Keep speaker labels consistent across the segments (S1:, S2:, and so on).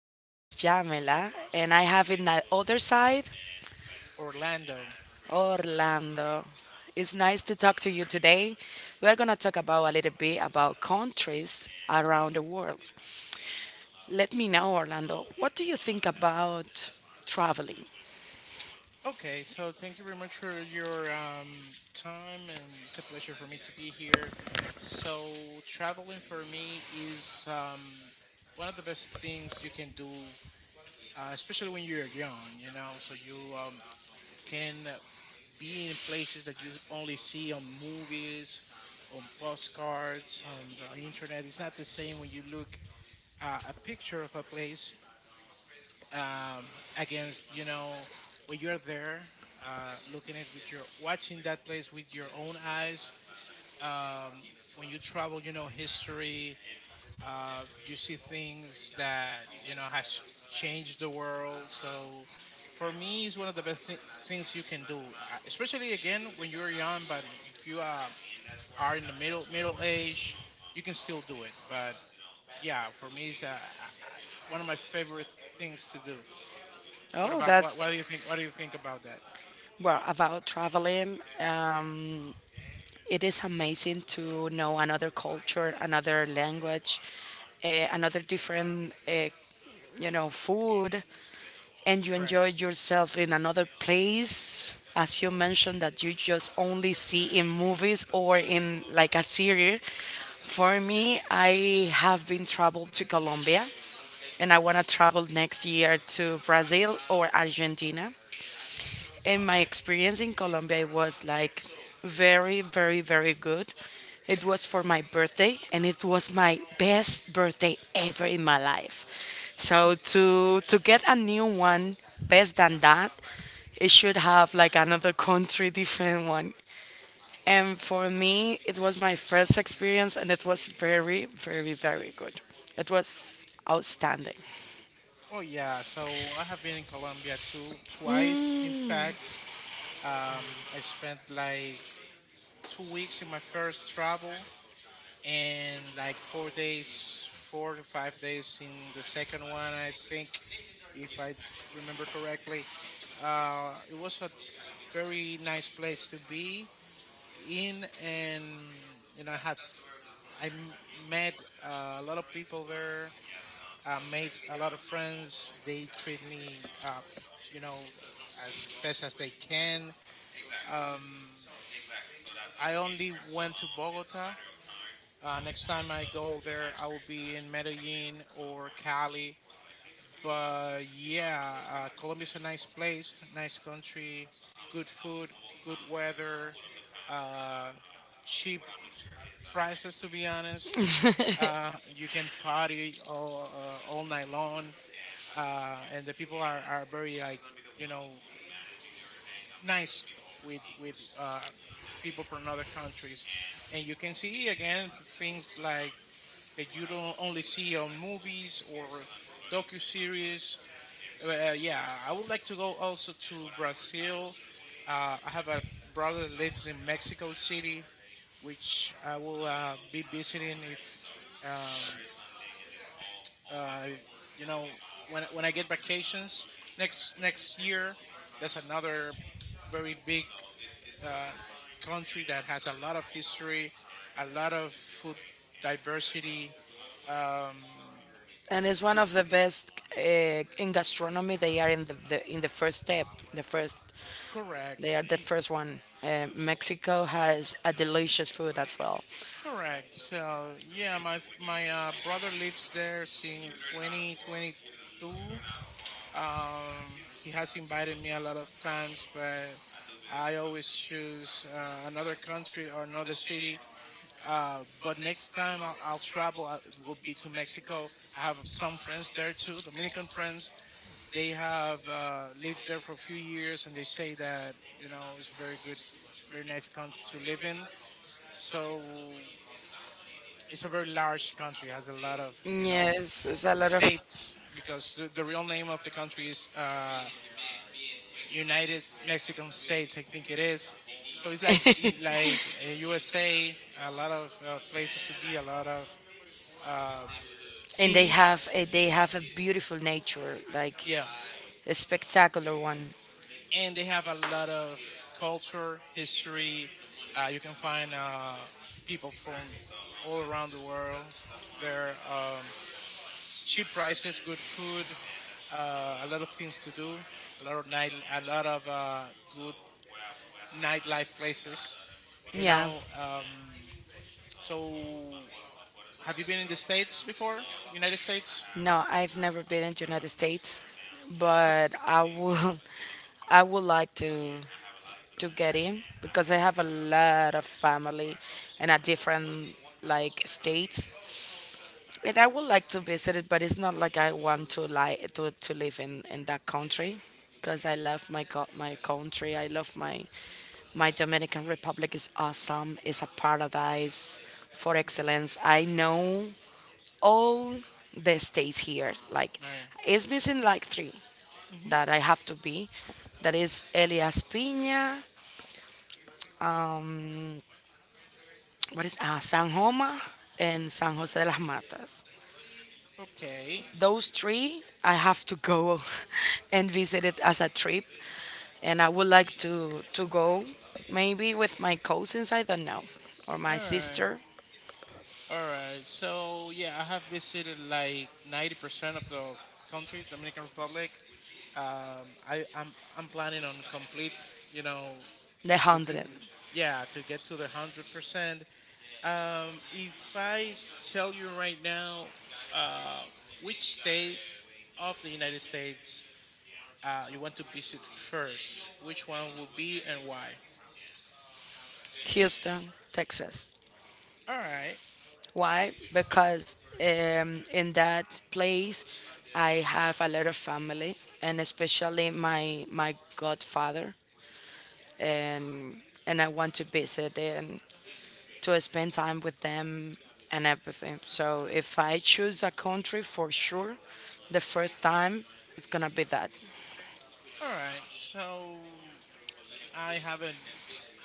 S1: side is Jamila, and I have in the other side
S2: Orlando.
S1: Orlando. It's nice to talk to you today. We are going to talk about a little bit about countries around the world. Let me know, Orlando, what do you think about traveling?
S2: Okay, so thank you very much for your time, and it's a pleasure for me to be here. So, traveling for me is one of the best things you can do, especially when you're young, you know, so you can be in places that you only see on movies, on postcards, on the internet. It's not the same when you look a picture of a place um, against you know when you're there looking it with your watching that place with your own eyes um, when you travel, you know, history, you see things that, you know, has changed the world. So for me, it's one of the best things you can do, especially again when you're young, but if you are in the middle age, you can still do it, but yeah, for me, it's one of my favorite things to do. What
S1: Oh,
S2: about
S1: that's
S2: what do you think? What do you think about that?
S1: well, about traveling, it is amazing to know another culture, another language, another different, you know, food. And you
S2: Correct.
S1: enjoyed yourself in another place as you mentioned that you just only see in movies or in like a series. For me, I have been traveled to Colombia, and I want to travel next year to Brazil or Argentina. And my experience in Colombia, it was like very, very, very good. It was for my birthday, and it was my best birthday ever in my life. So to get a new one, best than that, it should have like another country, different one. And for me, it was my first experience, and it was very, very, very good. It was outstanding,
S2: Oh yeah. So I have been in Colombia too, twice. In fact, I spent like 2 weeks in my first travel, and like 4 to 5 days in the second one. I think, if I remember correctly, it was a very nice place to be in, and you know, I met a lot of people there. I made a lot of friends. They treat me, you know, as best as they can. Um, I only went to Bogota. Next time I go there, I will be in Medellin or Cali. But yeah, Colombia's a nice place, nice country, good food, good weather, uh, cheap prices, to be honest. You can party all night long, and the people are very like, you know, nice with people from other countries, and you can see again things like that you don't only see on movies or docu series. Yeah, I would like to go also to Brazil. I have a brother that lives in Mexico City, which I will be visiting if um, Uh, you know, when I get vacations next year. That's another very big uh, country that has a lot of history, a lot of food diversity. Um,
S1: and it's one
S2: yeah,
S1: of the best in gastronomy. They are in the in the first step, the first. They
S2: correct,
S1: are the
S2: y-
S1: first one. Mexico has a delicious food as well.
S2: correct. So yeah, my brother lives there since 2022. He has invited me a lot of times, but I always choose another country or another city. But next time I'll travel, it will be to Mexico. I have some friends there too, Dominican friends. They have lived there for a few years, and they say that, you know, it's a very good, very nice country to live in. So it's a very large country, has a lot of, you know,
S1: Yes, it's a lot of.
S2: states, because the real name of the country is United Mexican States, I think it is. So it's like USA, a lot of places to be, a lot of uh,
S1: And
S2: cities.
S1: they have a beautiful nature, like
S2: Yeah,
S1: a spectacular one.
S2: and they have a lot of culture, history. You can find people from all around the world. There are cheap prices, good food, a lot of things to do, a lot of good nightlife places, you
S1: Yeah,
S2: know. So, have you been in the States before? United States?
S1: no, I've never been in the United States, but I would I would like to get in because I have a lot of family in a different like states. And I would like to visit it, but it's not like I want to like to live in that country because I love my co- my country. I love my my Dominican Republic is awesome. It's a paradise for
S2: Okay.
S1: excellence. I know all the states here. Like
S2: All right.
S1: it's missing like three
S2: Mm-hmm.
S1: that I have to be. That is Elias Piña, um, what is San Joma and San Jose de las Matas.
S2: Okay.
S1: Those three I have to go and visit it as a trip, and I would like to go maybe with my cousins. I don't know, or
S2: All
S1: my
S2: right.
S1: sister.
S2: All right. So, yeah, I have visited like 90% of the country, Dominican Republic. I'm planning on complete, you know,
S1: The hundred,
S2: to, yeah, to get to the 100%. If I tell you right now, uh, which state of the United States you want to visit first, which one would be and why?
S1: Houston, Texas.
S2: All right,
S1: Why? Because in that place I have a lot of family, and especially my my godfather, and and I want to visit and to spend time with them and everything. So if I choose a country for sure, the first time it's gonna be that.
S2: all right. So I haven't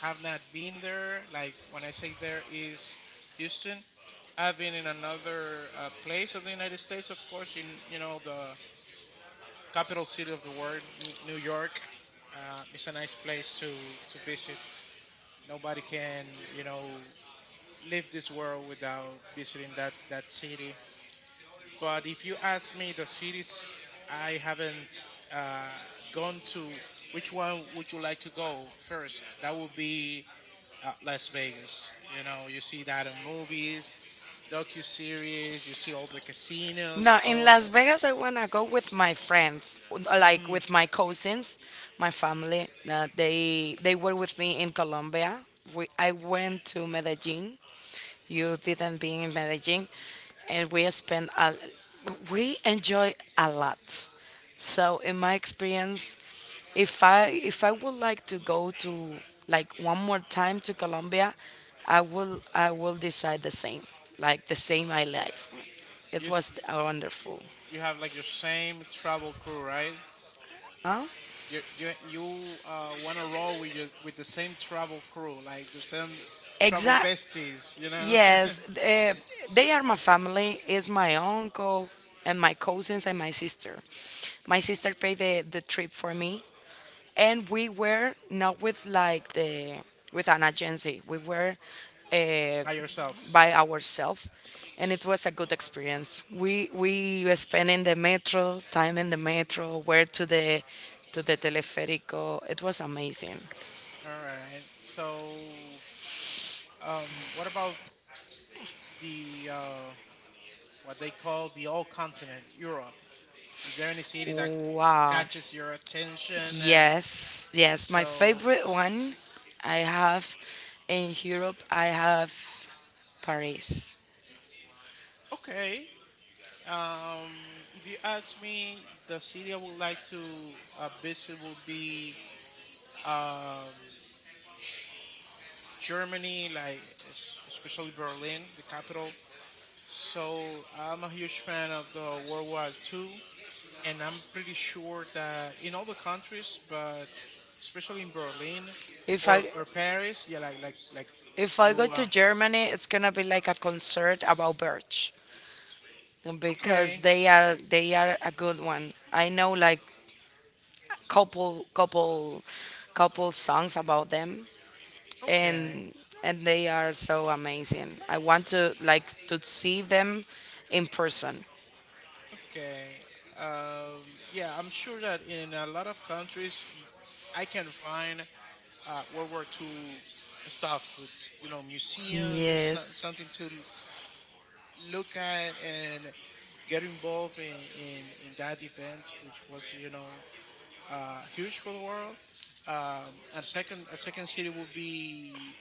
S2: have not been there. Like when I say there is Houston. I've been in another place of the United States, of course, in, you know, the capital city of the world, New York. It's a nice place to visit. Nobody can, you know, leave this world without visiting that city. But if you ask me the cities I haven't gone to, which one would you like to go first? That would be Las Vegas. You know, you see that in movies, docu-series. You see all the casinos.
S1: Now in
S2: Oh,
S1: Las Vegas, I wanna go with my friends, like
S2: mhm.
S1: with my cousins, my family. They were with me in Colombia. We, I went to Medellin. You didn't be in Medellin, and we spent a, we enjoy a lot. So in my experience, if I would like to go to like one more time to Colombia, I will decide the same, like the same I like.
S2: you
S1: It
S2: s-
S1: was wonderful.
S2: you have like your same travel crew, right?
S1: Huh?
S2: You want to roll with your with the same travel crew, like the same travel
S1: Exact.
S2: besties, you know,
S1: Yes, they are my family. Is my uncle and my cousins and my sister. My sister paid the trip for me, and we were not with like the with an agency. We were uh,
S2: by yourselves.
S1: by ourselves, and it was a good experience. We were spending the metro time in the metro, where to the teleférico. It was amazing.
S2: All right. So what about the what they call the old continent, Europe? Is there any city that
S1: Wow.
S2: catches your attention?
S1: Yes, yes. My
S2: So
S1: favorite one I have in Europe, I have Paris.
S2: okay. If you ask me, the city I would like to visit will be um, Ch- Germany, like especially Berlin, the capital. So I'm a huge fan of the World War II, and I'm pretty sure that in all the countries, but especially in Berlin
S1: If I
S2: or Paris, yeah, like
S1: go
S2: you.
S1: to Germany, it's gonna be like a concert about birds, because
S2: Okay,
S1: they are a good one. I know like couple couple couple songs about them,
S2: okay,
S1: and and they are so amazing. I want to like to see them in person.
S2: okay. Yeah, I'm sure that in a lot of countries, I can find World War II stuff to, you know, museums, something
S1: Yes.
S2: to look at and get involved in, in that event, which was, you know, huge for the world. And second, a second city will be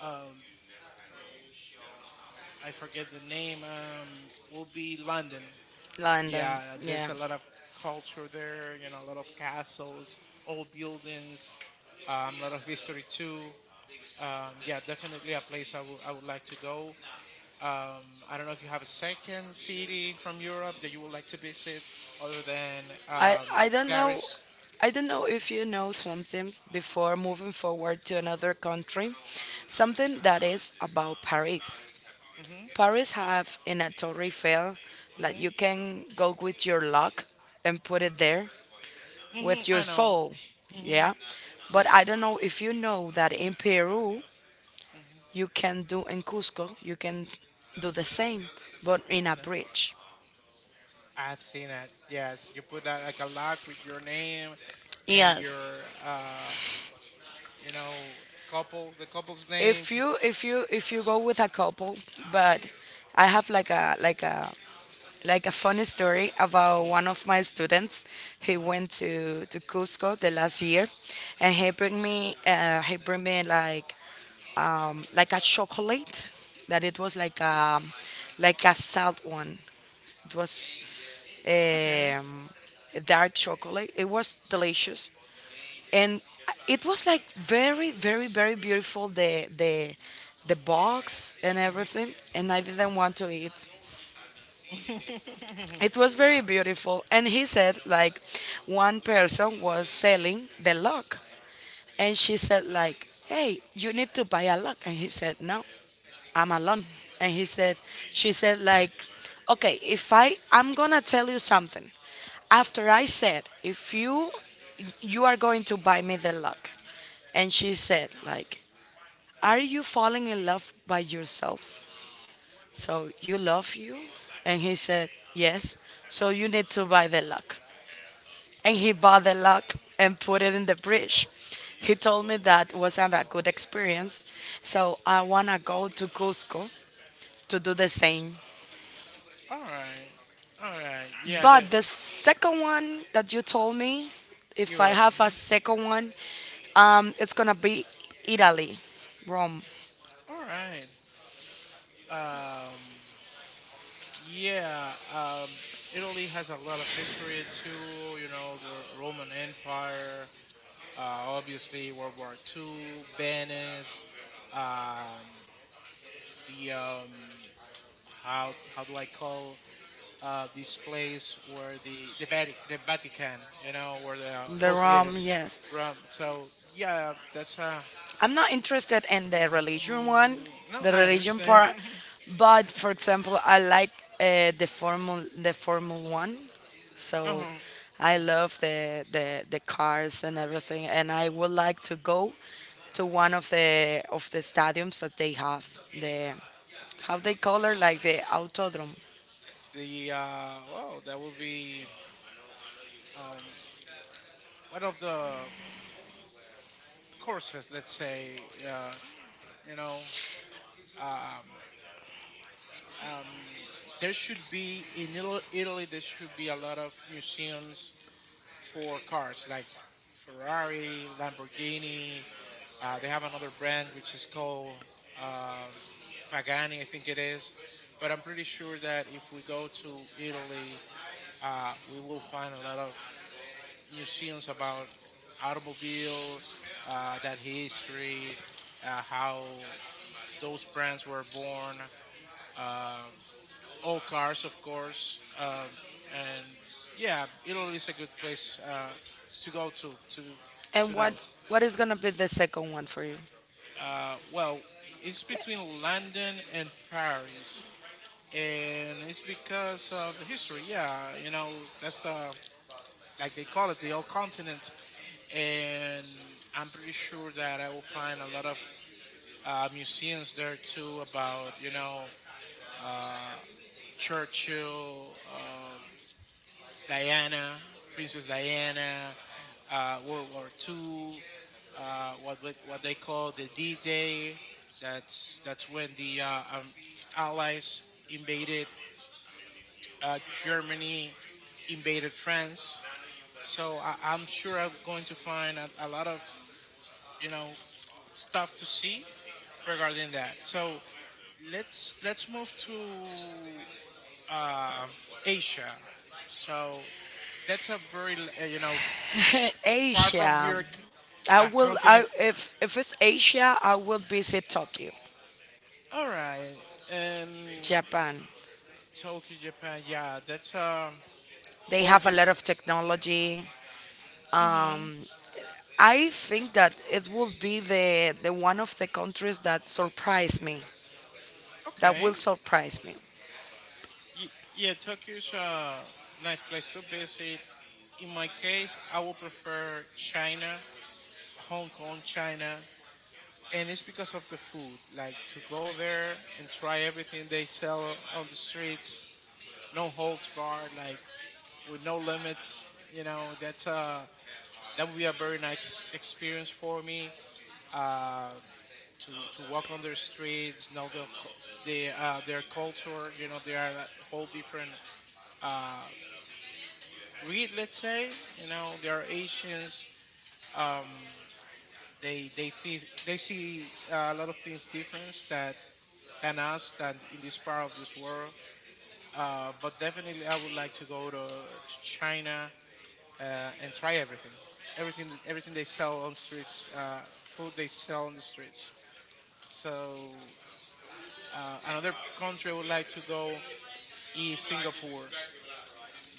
S2: um, I forget the name. Will be London.
S1: London.
S2: Yeah, there's
S1: Yeah.
S2: a lot of culture there. You know, a lot of castles, old buildings, a lot of history too. Yeah, definitely a place I would like to go. I don't know if you have a second city from Europe that you would like to visit other than
S1: I um, I don't
S2: Paris.
S1: I don't know if you know something before moving forward to another country. Something that is about Paris.
S2: Hmm.
S1: Paris have in a Torre Eiffel that
S2: Hmm.
S1: you can go with your luck and put it there
S2: Hmm,
S1: with your
S2: I know.
S1: soul.
S2: Mm-hmm.
S1: Yeah. But
S2: Yes.
S1: I don't know if you know that in Peru
S2: Mhm.
S1: you can do in Cusco you can do the same but in a
S2: No.
S1: bridge.
S2: I've seen it. Yes, you put that like a lock with your name and
S1: Yes.
S2: your you know, the couple's names.
S1: If you go with a couple, but I have like a like a like a funny story about
S2: Mhm.
S1: one of my students. He
S2: Mhm.
S1: went to Cusco the last year, and he bring me like a chocolate that it was like a salt one. It was
S2: Okay.
S1: um, dark chocolate. It was delicious, and it was like very very very beautiful. The box and
S2: Mhm.
S1: everything, and I didn't want to eat. It was very beautiful and he said like one person was selling the lock and she said like hey you need to buy a lock and he said no, I'm alone, and he said, she said like okay if I'm gonna tell you something after I said if you you are going to buy me the lock, and she said like are you falling in love by yourself, so you love you, and he said yes, so you need to buy the lock, and he bought the lock and put it in the fridge. He told me that wasn't a good experience, so I wanna go to Cusco to do the same.
S2: All right. All right. Yeah, the
S1: But the second one that you told me, if I
S2: Europe.
S1: have a
S2: Mhm.
S1: second one, it's gonna be Italy, Rome,
S2: All right. Um yeah, Italy has a lot of history too, you know, the Roman Empire. Obviously, World War Two, Venice, um, the how do I call this place where the Vatican, you know, where the
S1: the
S2: Pope
S1: Rome,
S2: is,
S1: yes.
S2: Rome. So yeah, that's
S1: I'm not interested in the religion one,
S2: mm, no,
S1: the
S2: I
S1: religion
S2: understand.
S1: part, but for example, I like the formal the Formula One, so
S2: Uh-huh.
S1: I love the cars and everything, and I would like to go to one of the stadiums that they have
S2: Mhm.
S1: the how they call it like the autodrome.
S2: The well, that would be um, one of the courses, let's say, you know, um, um, there should be in Italy, there should be a lot of museums for cars like Ferrari, Lamborghini. They have another brand which is called um, Pagani, I think it is. But I'm pretty sure that if we go to Italy, we will find a lot of museums about automobile, that history, how those brands were born. Um, all cars, of course. And yeah, Italy is a good place to go to to
S1: And
S2: to know.
S1: what is gonna be the second one for you?
S2: Well, it's between London and Paris, and it's because of the history. Yeah, you know that's the, like they call it, the old continent, and I'm pretty sure that I will find a lot of museums there too about, you know, uh, Churchill. Diana, Princess Diana, World War II, what they call the D-Day. That's when the Allies invaded Germany, invaded France. So I'm sure I'm going to find a lot of, you know, stuff to see regarding that. So let's move to uh, Asia. So that's a very you know, far from
S1: Asia.
S2: here,
S1: I
S2: a
S1: will. I
S2: continent.
S1: if it's Asia, I will visit Tokyo,
S2: All right, and
S1: Japan.
S2: Tokyo, Japan. Yeah, that's
S1: They
S2: whole.
S1: have a
S2: Di-
S1: lot of technology.
S2: mm-hmm.
S1: I think that it will be the one of the countries that surprise me, that
S2: Okay.
S1: will surprise me.
S2: Yeah, Tokyo's a nice place to visit. In my case, I would prefer China, Hong Kong, China, and it's because of the food. Like to go there and try everything they sell on the streets, no holds barred, like with no limits. You know, that's that would be a very nice experience for me uh, to walk on their streets, know their culture. You know, they are a whole different uh, breed. Let's say, you know, they are Asians. Um, they they see a lot of things different that than us, than in this part of this world. But definitely, I would like to go to China and try everything, everything they sell on streets, food they sell on the streets. So another country I would like to go is Singapore.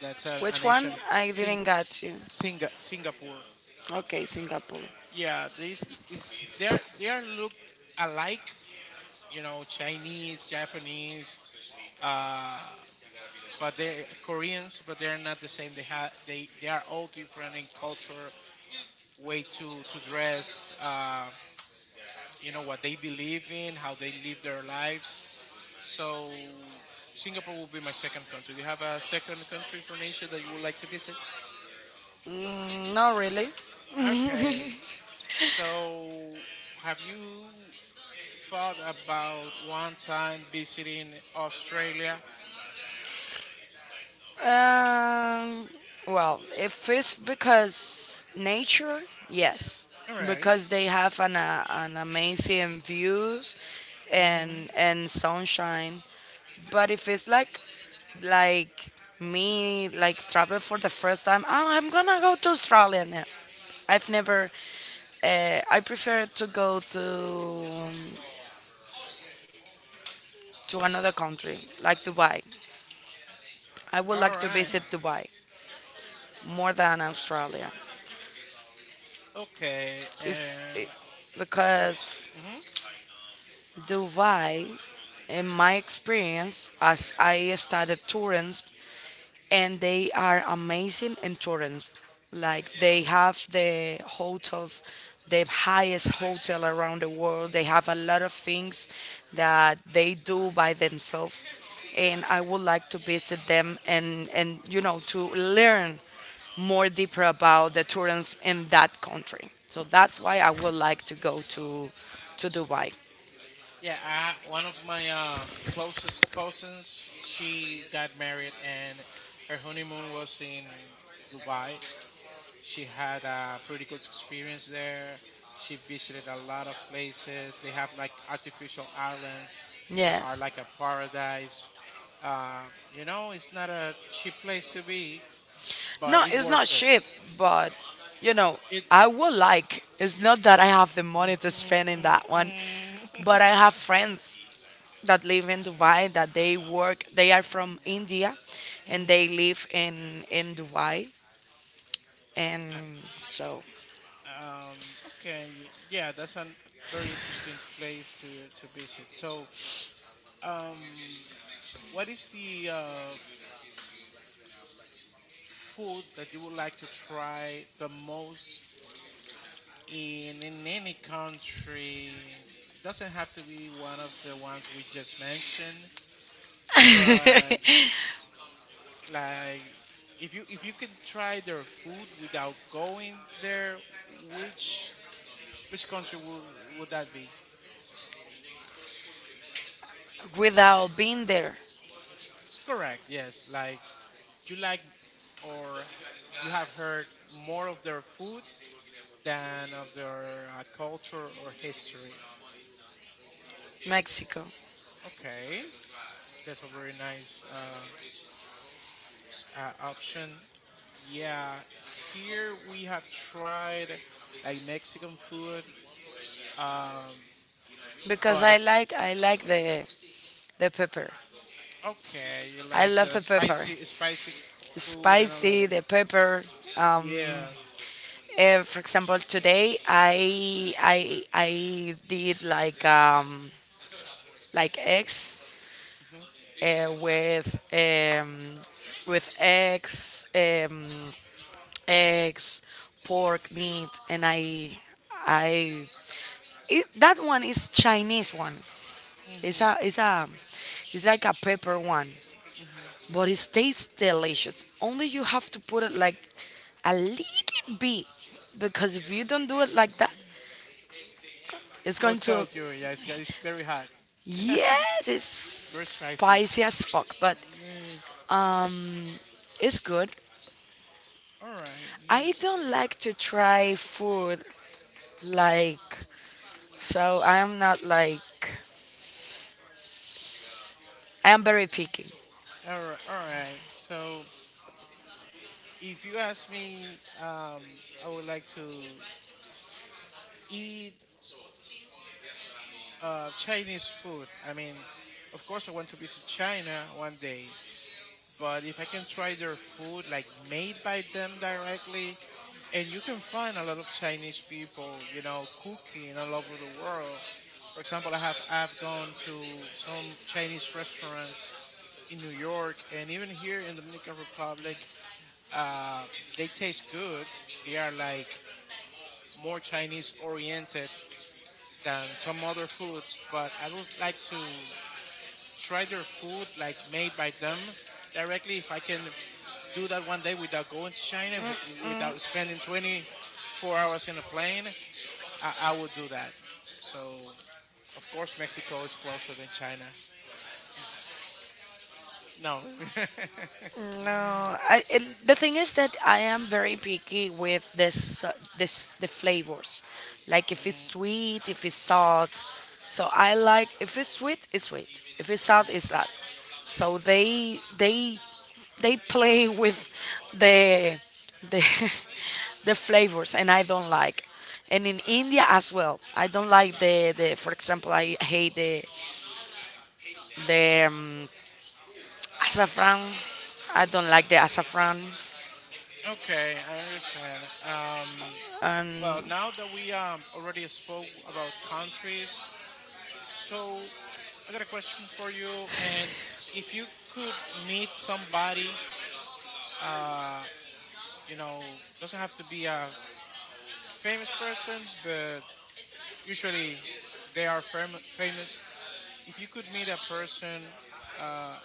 S2: That's a, an
S1: Which one?
S2: Asian
S1: I
S2: Sing,
S1: didn't get you.
S2: Singapore.
S1: Okay, Singapore.
S2: Yeah, this is they are look alike. You know, Chinese, Japanese, uh, but they Koreans, but they're not the same. They have they are all different in culture, way to dress. You know what they believe in, how they live their lives. So Singapore will be my second country. Do you have a second country from Asia that you would like to visit?
S1: Mm, not really.
S2: Okay. So have you thought about one time visiting Australia?
S1: Um, well, if it's because nature, yes,
S2: All right.
S1: because they have an amazing views
S2: Mhm.
S1: and sunshine. But if it's like me like travel for the first time, oh, I'm gonna go to Australia now. I've never I prefer to go to another country like Dubai. I would
S2: All
S1: like to
S2: right.
S1: visit Dubai more than Australia.
S2: Okay.
S1: If
S2: And what?
S1: because Dubai in my experience as I started touring, and they are amazing in Turin. Like they have the hotels, the highest hotel around the world. They have a lot of things that they do by themselves, and I would like to visit them and you know to learn more deeper about the tourists in that country. So that's why I would like to go to Dubai.
S2: Yeah, one of my closest cousins, she got married and her honeymoon was in Dubai. She had a pretty good experience there. She visited a lot of places. They have like artificial islands that are
S1: Yes.
S2: like a paradise. Uh, it's not a cheap place to be, but
S1: No,
S2: it's
S1: it's
S2: worth
S1: not
S2: it.
S1: cheap, but you know,
S2: It.
S1: I would like. It's not that I have the money to spend in that one, but I have friends that live in Dubai that they work. They are from India, and
S2: Mhm.
S1: they live in Dubai, and
S2: Mhm.
S1: so.
S2: Okay, yeah, that's a very interesting place to visit. So, um, what is the food that you would like to try the most in any country? Doesn't have to be one of the ones we just mentioned, but like if you can try their food without going there, which which country would that be?
S1: Without being there,
S2: Correct. Yes, like you like or you have heard more of their food than of their culture or history.
S1: Mexico,
S2: Okay, that's a very nice option. Yeah, here we have tried like Mexican food, um,
S1: because
S2: but of,
S1: I like the pepper.
S2: okay, you
S1: I
S2: like
S1: love
S2: the
S1: the pepper,
S2: spicy, spicy food and all of
S1: spicy,
S2: that.
S1: the pepper. um,
S2: Yeah.
S1: For example, today I did like eggs
S2: Mhm.
S1: uh, with um with eggs eggs pork meat, and I it, that one is Chinese one. It's
S2: Mhm.
S1: a it's a it's like a pepper one,
S2: Mhm.
S1: but it tastes delicious. Only you have to put it like a little bit because if you don't do it like that, it's
S2: It will
S1: going to.
S2: choke you. Yeah, it's very hot,
S1: Yes, it's
S2: very spicy.
S1: spicy as fuck, but
S2: Mm,
S1: it's good.
S2: all right.
S1: I
S2: Ye
S1: don't like to try food like so I'm not like I am very picky.
S2: All right. All right. So, if you ask me, I would like to eat Chinese food. I mean, of course, I want to visit China one day, but if I can try their food, like made by them directly, and you can find a lot of Chinese people, cooking all over the world. For example, I've gone to some Chinese restaurants in New York and even here in Dominican Republic. Uh, they taste good. They are like more Chinese oriented than some other foods, but I would like to try their food like made by them directly if I can do that one day without going to China, without spending 24 hours in a plane. I would do that. So, of course, Mexico is closer than China. No.
S1: No, I, it, the thing is that I am very picky with this, this the flavors, like if it's
S2: Mm,
S1: sweet, if it's salt. So I like if it's sweet, it's sweet. If it's salt,
S2: mhm.
S1: it's salt. So they play with the the the flavors, and I don't like. And in India as well, I don't like the the. For example, I hate the saffron. I don't like the saffron.
S2: Okay, I understand.
S1: And
S2: Well, now that we already spoke about countries, so I got a question for you. And if you could meet somebody, uh, doesn't have to be a famous person, but usually they are famous. If you could meet a person, uh,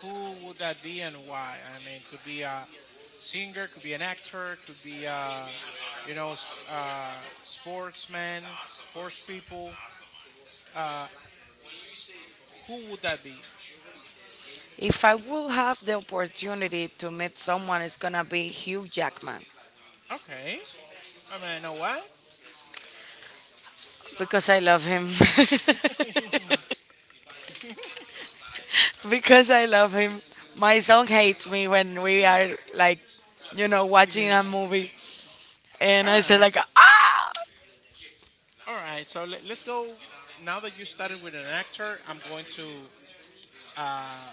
S2: who would that be and why? I mean, could be a singer, could be an actor, could be a sportsman, sports people. Uh, Who would that be?
S1: if I will have the opportunity to meet someone, it's gonna be Hugh Jackman
S2: Okay. I mean, I know what?
S1: because I love him. Because I love him. My son hates me when we are like, you know, watching
S2: You-
S1: a movie, and
S2: all
S1: I say
S2: right.
S1: like, ah,
S2: All right. So let's go. Now that you started with an actor, I'm going to uh,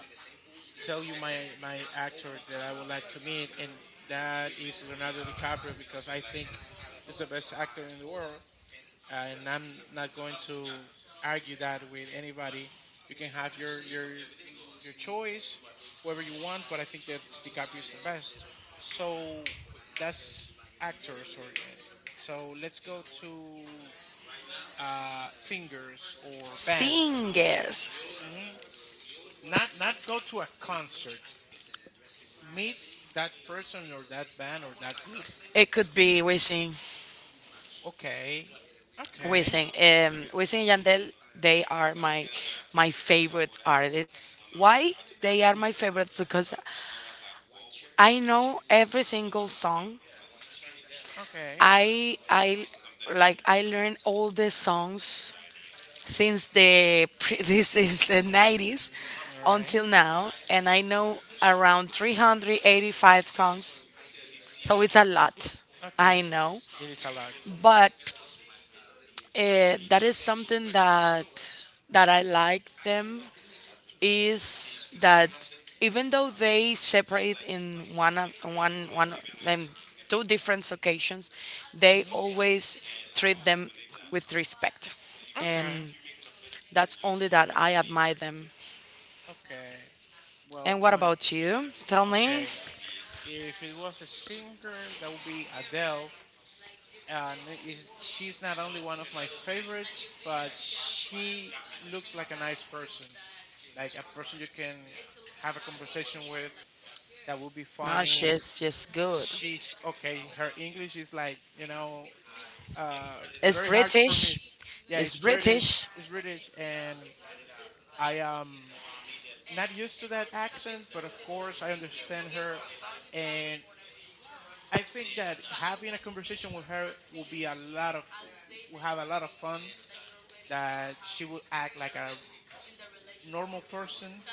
S2: tell you my actor that I would like to meet, and that is Leonardo DiCaprio because I think he's the best actor in the world. And I'm not going to argue that with anybody. You can have your choice, whoever you want, but I think that DiCaprio is the best. So that's actors, or so let's go to singers or bands.
S1: singers.
S2: Hmm. Not go to a concert. Meet that person or that band or that group.
S1: It could be we sing,
S2: Okay,
S1: we
S2: okay,
S1: sing, we and Yandel. They are my my favorite artists. Why? They are
S2: mm,
S1: my favorites because I know every single song.
S2: okay.
S1: I like I learned all the songs since the pre- this is the 90s
S2: Mm, all right.
S1: until now, and I know around 385 songs. So it's a lot. I
S2: Okay.
S1: know,
S2: It is a lot.
S1: but that is something that I like them is that even though they separate in one of- one one um, two different occasions, they
S2: Mhm.
S1: always treat them with respect,
S2: Okay.
S1: and that's only that I admire them.
S2: Okay. Well,
S1: And
S2: it
S1: what
S2: might.
S1: about you? Tell me.
S2: Okay. If it was a singer, that would be Adele. And is she's not only one of my favorites, but she looks like a nice person, like a person you can have a conversation with that will be
S1: No,
S2: funny.
S1: she's just good.
S2: She, sh okay, her English is like, uh,
S1: It's
S2: very hard for me.
S1: British.
S2: Yeah,
S1: It's
S2: it's British.
S1: British.
S2: It's British, and I am not used to that accent, but of course I understand her, and I think that having a conversation with her will be a lot of will have a lot of fun. That she will act like a normal person,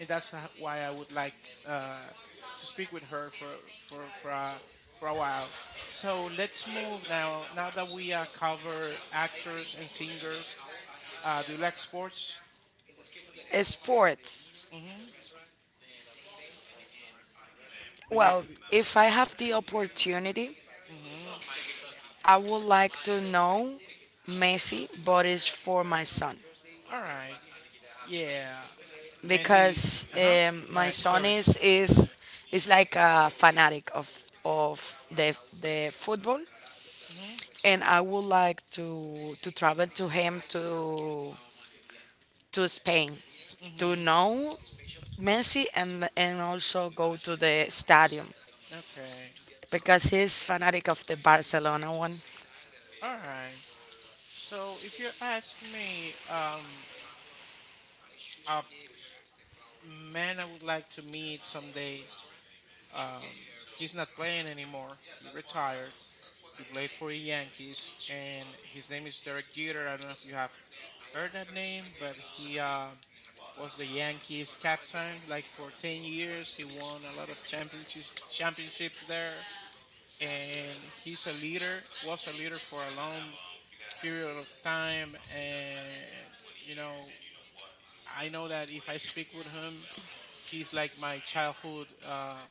S2: and that's why I would like uh, to speak with her for for a, for a while. So let's move now. Now that we cover actors and singers, do you like sports?
S1: It's sports.
S2: Mm hmm. But you,
S1: Well, if I have the opportunity,
S2: mm-hmm.
S1: I would like to know Messi, but it's for my son.
S2: All right. Yeah, Messi.
S1: Because
S2: Uh huh. Go
S1: my
S2: ahead.
S1: son
S2: Sorry.
S1: is like a fanatic of the football,
S2: Mhm.
S1: and I would like to travel to him to Spain to
S2: Mhm.
S1: know Messi and also go to the stadium
S2: Okay.
S1: because he's fanatic of the Barcelona one.
S2: All right. So if you ask me, a man I would like to meet someday. Um, he's not playing anymore. He retired. He played for the Yankees, and his name is Derek Jeter. I don't know if you have heard that name, but he was the Yankees captain like for 10 years. He won a lot of championships there, and he's a leader was a leader for a long period of time. And you know I know that if I speak with him, he's like my childhood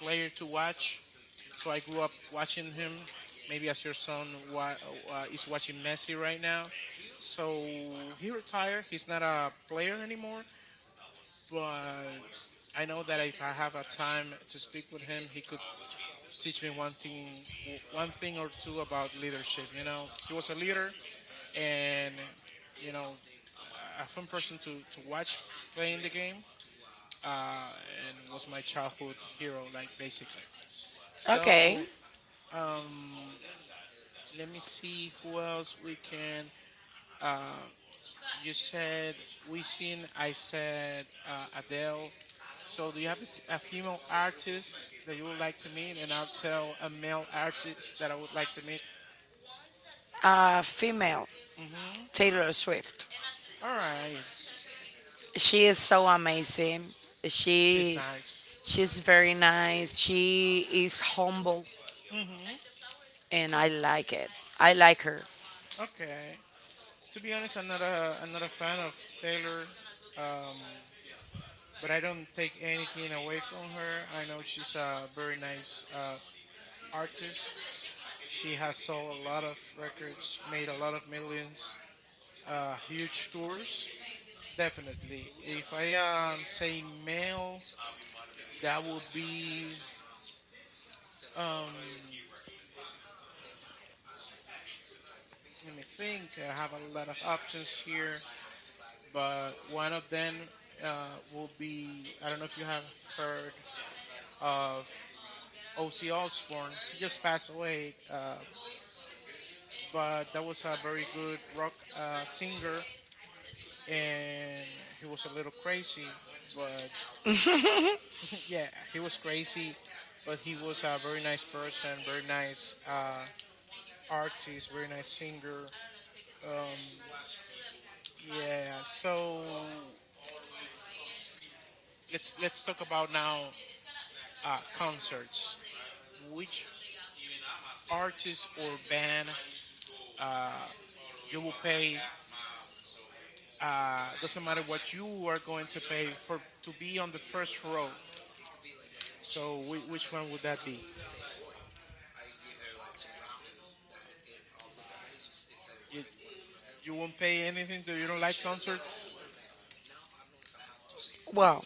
S2: player to watch. So I grew up watching him, maybe as your son is watching Messi right now. So he retired. He's not a player anymore, but I know that if I have a time to speak with him, he could teach me one thing, one thing or two about leadership. You know, he was a leader, and you know, a fun person to watch playing the game, uh, and was my childhood hero, like basically.
S1: Okay,
S2: So, um, let me see who else we can. Uh, you said we I said Adele. So, do you have a female artist that you would like to meet? And I'll tell a male artist that I would like to meet.
S1: female
S2: Mhm.
S1: Taylor Swift.
S2: All right.
S1: She is so amazing.
S2: She's
S1: She
S2: nice.
S1: she's very nice. She is humble,
S2: Mhm.
S1: and I like it. I like her.
S2: Okay. To be honest, I'm not a fan of Taylor, um, but I don't take anything away from her. I know she's a very nice artist. She has sold a lot of records, made a lot of millions, huge tours. Definitely. If I say male, that would be um, let me think. I have a lot of options here. But one of them will be. I don't know if you have heard of O.C. Osbourne. He just passed away, but that was a very good rock singer, and he was a little crazy, but yeah, he was crazy, but he was a very nice person, very nice artist, very nice singer. Um, yeah, so let's talk about now concerts. Which artist or band, uh, you will pay. Doesn't matter what you are going to pay for to be on the first row. So which one would that be? You you won't pay anything that you don't like concerts.
S1: Well,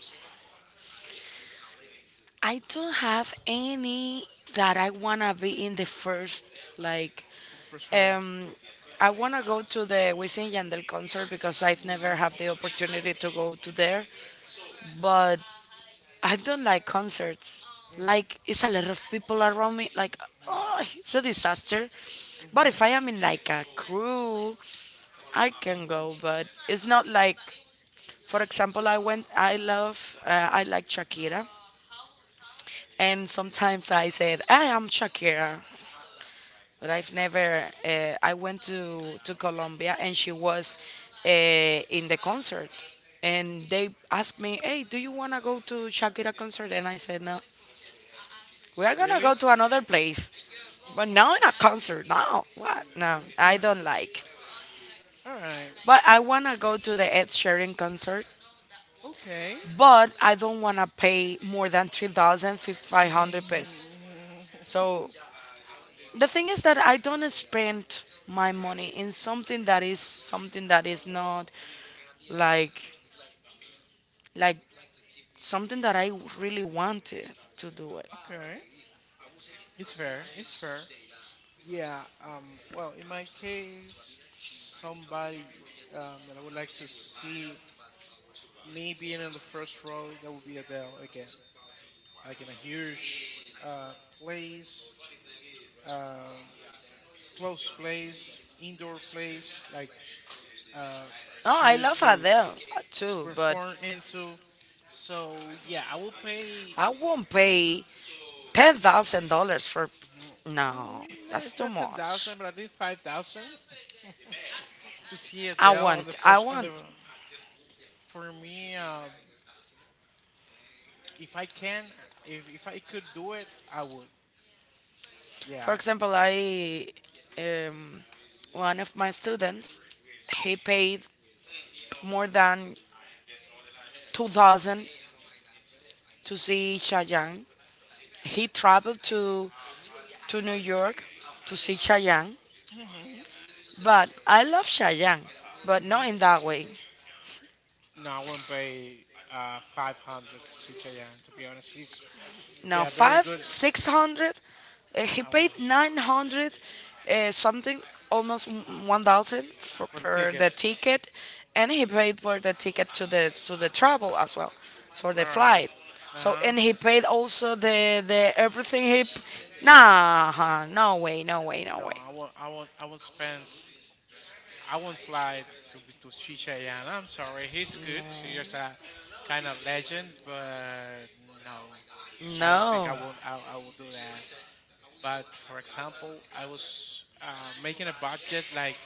S1: I don't have any that I wanna be in the first. Like,
S2: The first row.
S1: um, I wanna go to the Wisin Yandel concert because I've
S2: Mm, mm,
S1: never had the opportunity to go to there. But I don't like concerts.
S2: mm,
S1: Like, it's a lot of people around me. Like,
S2: mhm,
S1: oh, it's a disaster. But if
S2: mhm,
S1: I am in like a crew, I can
S2: mhm.
S1: go. But it's not like, for example, I went. I love. I like Shakira. And sometimes I said, I am Shakira, but I've never. I went to Colombia, and she was in the concert, and they asked me, Hey, do you wanna go to Shakira concert? And I said, No, we are gonna go
S2: Really?
S1: to another place, but
S2: Mhm,
S1: not in a concert. No, what? No, I
S2: mhm.
S1: don't like.
S2: All right.
S1: But I wanna go to the Ed Sheeran concert,
S2: Okay.
S1: but I don't wanna pay more than 3,500
S2: Mhm,
S1: pesos.
S2: mhm.
S1: So the thing is that I don't spend my money in something that is not like like something that I really wanted to do it.
S2: Okay. It's fair. It's fair. Yeah, well, in my case, somebody that I would like to see me being in the first row, that would be Adele again. Like in a huge place, um close place, indoor place, like uh,
S1: No,
S2: she
S1: I
S2: used
S1: love
S2: to,
S1: Adele
S2: to
S1: too, but
S2: perform into. So, yeah, I will pay,
S1: I won't pay $10,000 for.
S2: mm,
S1: No,
S2: no,
S1: that's
S2: it's
S1: too
S2: not
S1: much.
S2: 10,000, but at least 5,000 to see
S1: I
S2: Adele on the
S1: want. I
S2: first, on
S1: want.
S2: the, for me, if I can, if I could do it, I would.
S1: For
S2: Yeah.
S1: example, I um, one of my students he paid more than 2,000 to see Chayanne. He traveled to New York to see Cheyenne,
S2: Hmm.
S1: but I love Cheyenne, but not
S2: Hmm.
S1: in that way.
S2: No, I wouldn't pay 500 to see Chayanne, to be honest. He's,
S1: Now
S2: yeah, very
S1: five,
S2: good.
S1: 600. He
S2: I
S1: paid
S2: won't.
S1: 900, something, almost 1,000 for
S2: For the
S1: per
S2: ticket.
S1: the ticket, and he paid for the ticket to the travel as well, for
S2: All
S1: the
S2: right.
S1: flight. So,
S2: Uh-huh.
S1: and he paid also the everything he. Nah, no way, no way, no
S2: No,
S1: way.
S2: I won't, I won't, I won't spend, I won't fly to see Chayanne. I'm sorry. He's good. He's a kind of legend, but no, I don't think
S1: No.
S2: I will, I will do that. But for example, I was making a budget like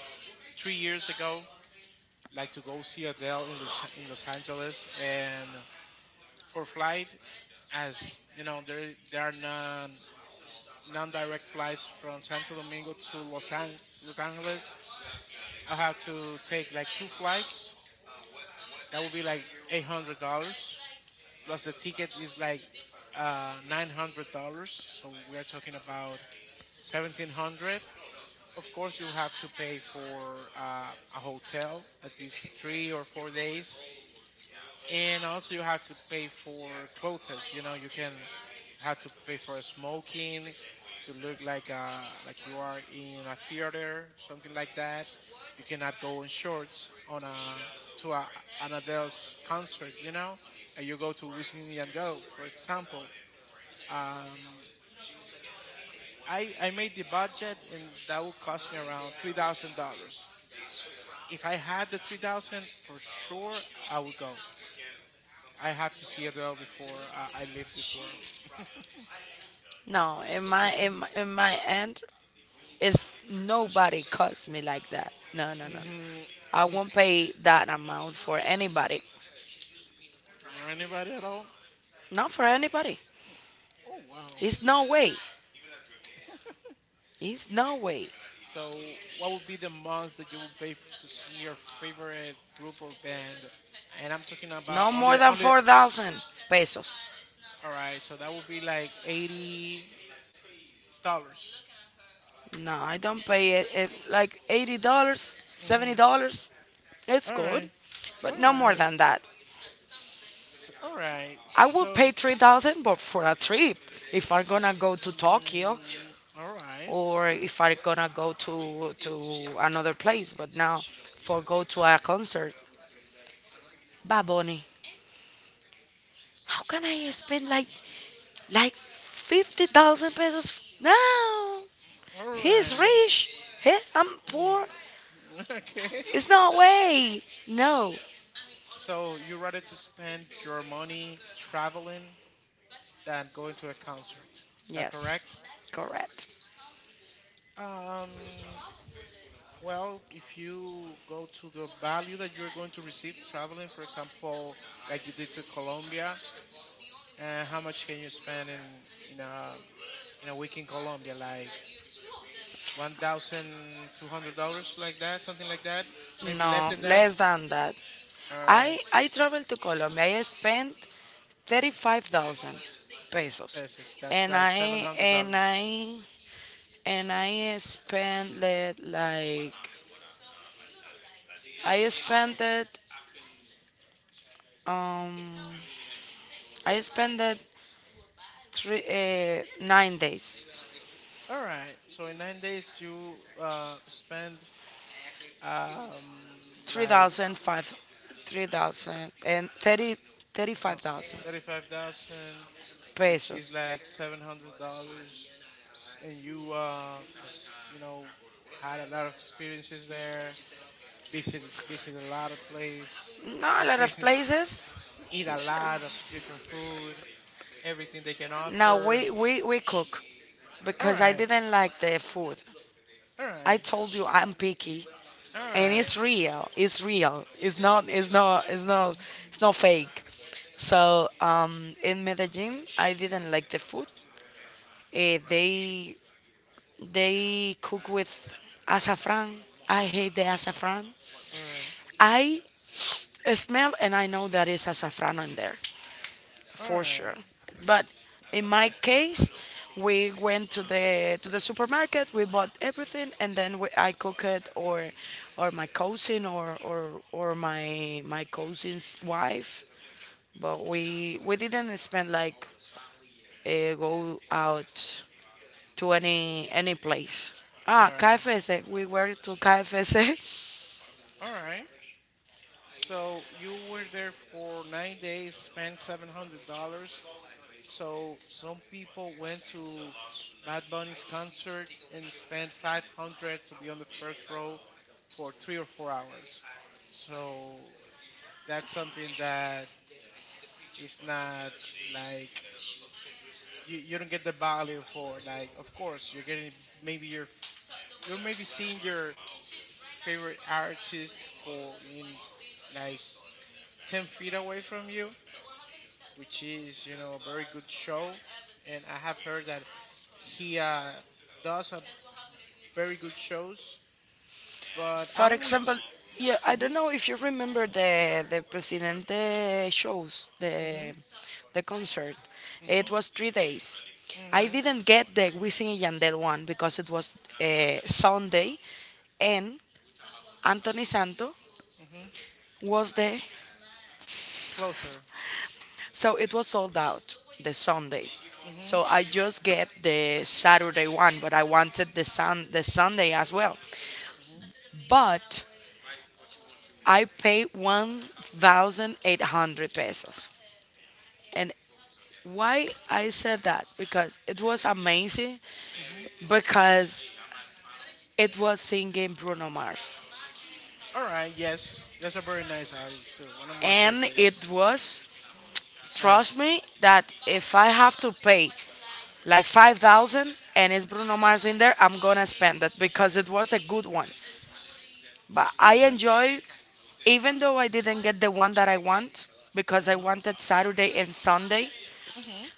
S2: 3 years ago, like to go see Adele in Los Angeles, and for flight, as you know, there are non-direct flights from Santo Domingo to Los Angeles. I have to take like two flights. That would be like $800 plus the ticket is like $900. So we are talking about 1,700. Of course, you have to pay for a hotel at least 3 or 4 days, and also you have to pay for clothes. You know, you can have to pay for smoking to look like you are in a theater, something like that. You cannot go in shorts on a to a, an Adele's concert. You know, like you go to Wisin and Yandel, for example. Um, I made the budget, and that would cost me around $3,000. If I had the 3,000, for sure I would go. I have to see Adele before I leave this world.
S1: No, in my end, it's nobody cuts me like that. No, no, no.
S2: Hmm.
S1: I won't
S2: Hmm.
S1: pay that amount for anybody.
S2: For anybody at all?
S1: Not for anybody.
S2: Oh, wow.
S1: It's no way. It's no way.
S2: So, what would be the most that you would pay to see your favorite group or band? And I'm talking
S1: No
S2: about only
S1: more
S2: the
S1: than
S2: only.
S1: 4,000 pesos.
S2: All right, so that would be like $80.
S1: No, I don't pay it like $80, seventy
S2: Mm-hmm.
S1: dollars. It's
S2: All
S1: good,
S2: right,
S1: but
S2: all
S1: no more
S2: right,
S1: than that.
S2: S all right.
S1: I would pay
S2: So,
S1: 3,000, but for a trip. If I'm
S2: uh,
S1: gonna go to Tokyo,
S2: all right,
S1: or if I gonna go to another place. But now, for go to a concert, Bad Bunny, how can I spend like 50,000 pesos? No,
S2: all
S1: he's
S2: right.
S1: rich. He, I'm
S2: Mm.
S1: poor.
S2: Okay.
S1: It's no way. No.
S2: So you rather to spend your money traveling than going to a concert. Is that correct?
S1: Yes, correct.
S2: Um, well, if you go to the value that you're going to receive traveling, for example, like you did to Colombia, and how much can you spend in a in a week in Colombia? Like $1,200, like that, something like that. Maybe less
S1: No,
S2: than that.
S1: less than that.
S2: All
S1: I
S2: right.
S1: I traveled to Colombia. I spent 35,000 pesos,
S2: Pesos. That's
S1: and
S2: like seven
S1: I
S2: hundred
S1: and
S2: dollars.
S1: I and I spent it I spent it um I spent it three 9 days
S2: All right. So in 9 days, you spend um
S1: three
S2: like
S1: thousand five three thousand and thirty thirty
S2: no
S1: five thousand
S2: 35,000, which is
S1: pesos.
S2: like $700, and you you know had a lot of experiences there. Visited a lot of place, a
S1: Not
S2: lot
S1: a
S2: of
S1: lot of
S2: places.
S1: places.
S2: Eat a lot of different food, everything they can
S1: Now
S2: offer.
S1: we cook
S2: All
S1: because I
S2: right.
S1: didn't like the food.
S2: All
S1: I
S2: right.
S1: told you I'm picky.
S2: All
S1: And
S2: right.
S1: it's real. It's real. It's not. It's not. It's not. It's not fake. So in Medellin, I didn't like the food. Eh, they they cook with azafran. I hate the azafran.
S2: All right.
S1: I smell and I know that is azafran in there,
S2: All
S1: for sure.
S2: right.
S1: But in my case, we went to the supermarket, we bought everything, and then I cook it, or my cousin, or my cousin's wife. But we didn't spend like go out to any place.
S2: All
S1: Ah,
S2: right.
S1: KFC. We were to KFC.
S2: All right. So you were there for 9 days, spent $700. So some people went to Bad Bunny's concert and spent 500 to be on the first row for 3 or 4 hours. So that's something that is not like you don't get the value for. Like of course you're getting maybe you're maybe seeing your favorite artist for in like 10 feet away from you, which is a very good show, and I have heard that he does a very good shows. But
S1: For
S2: I'm with
S1: example,
S2: you.
S1: yeah, I
S2: Hmm.
S1: don't know if you remember the Presidente shows, the
S2: Hmm.
S1: the concert. It
S2: Hmm.
S1: was 3 days. I
S2: Hmm.
S1: didn't get the Wisin and Yandel one because it was Sunday, and Anthony Santo
S2: Hmm.
S1: was there,
S2: Closer.
S1: so it was sold out the Sunday.
S2: Hmm.
S1: So I just get the Saturday one, but I wanted the Sunday as well.
S2: Hmm.
S1: But I paid 1,800 pesos, and why I said that? Because it was amazing,
S2: Hmm.
S1: because it was singing Bruno Mars.
S2: All right. Yes, that's a very nice artist too. One of my
S1: And
S2: favorites.
S1: it was,
S2: Nice.
S1: trust me, that if I have to pay like 5,000 and it's Bruno Mars in there, I'm gonna spend it because it was a good one. But I
S2: Action.
S1: enjoy, even though I didn't get the one that I want because I
S2: Hmm.
S1: wanted Saturday and Sunday,
S2: Hmm.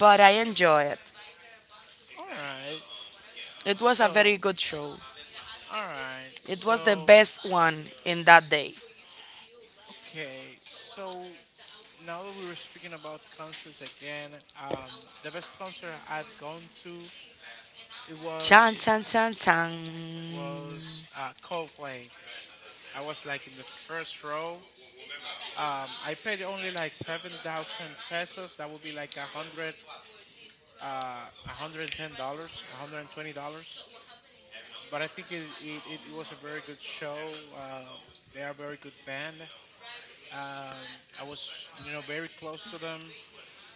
S1: but I enjoy it.
S2: All right.
S1: It was a
S2: So.
S1: very good show.
S2: All right.
S1: It was the
S2: So.
S1: best one in that day.
S2: Okay. So now that we were speaking about concerts again, the best concert I've gone to it was
S1: Chan, chan, chan, chan.
S2: was Coldplay. I was like in the first row. I paid only like 7,000 pesos. That would be like a hundred, $110, $120. But I think it was a very good show. They are a very good band. I was very close to them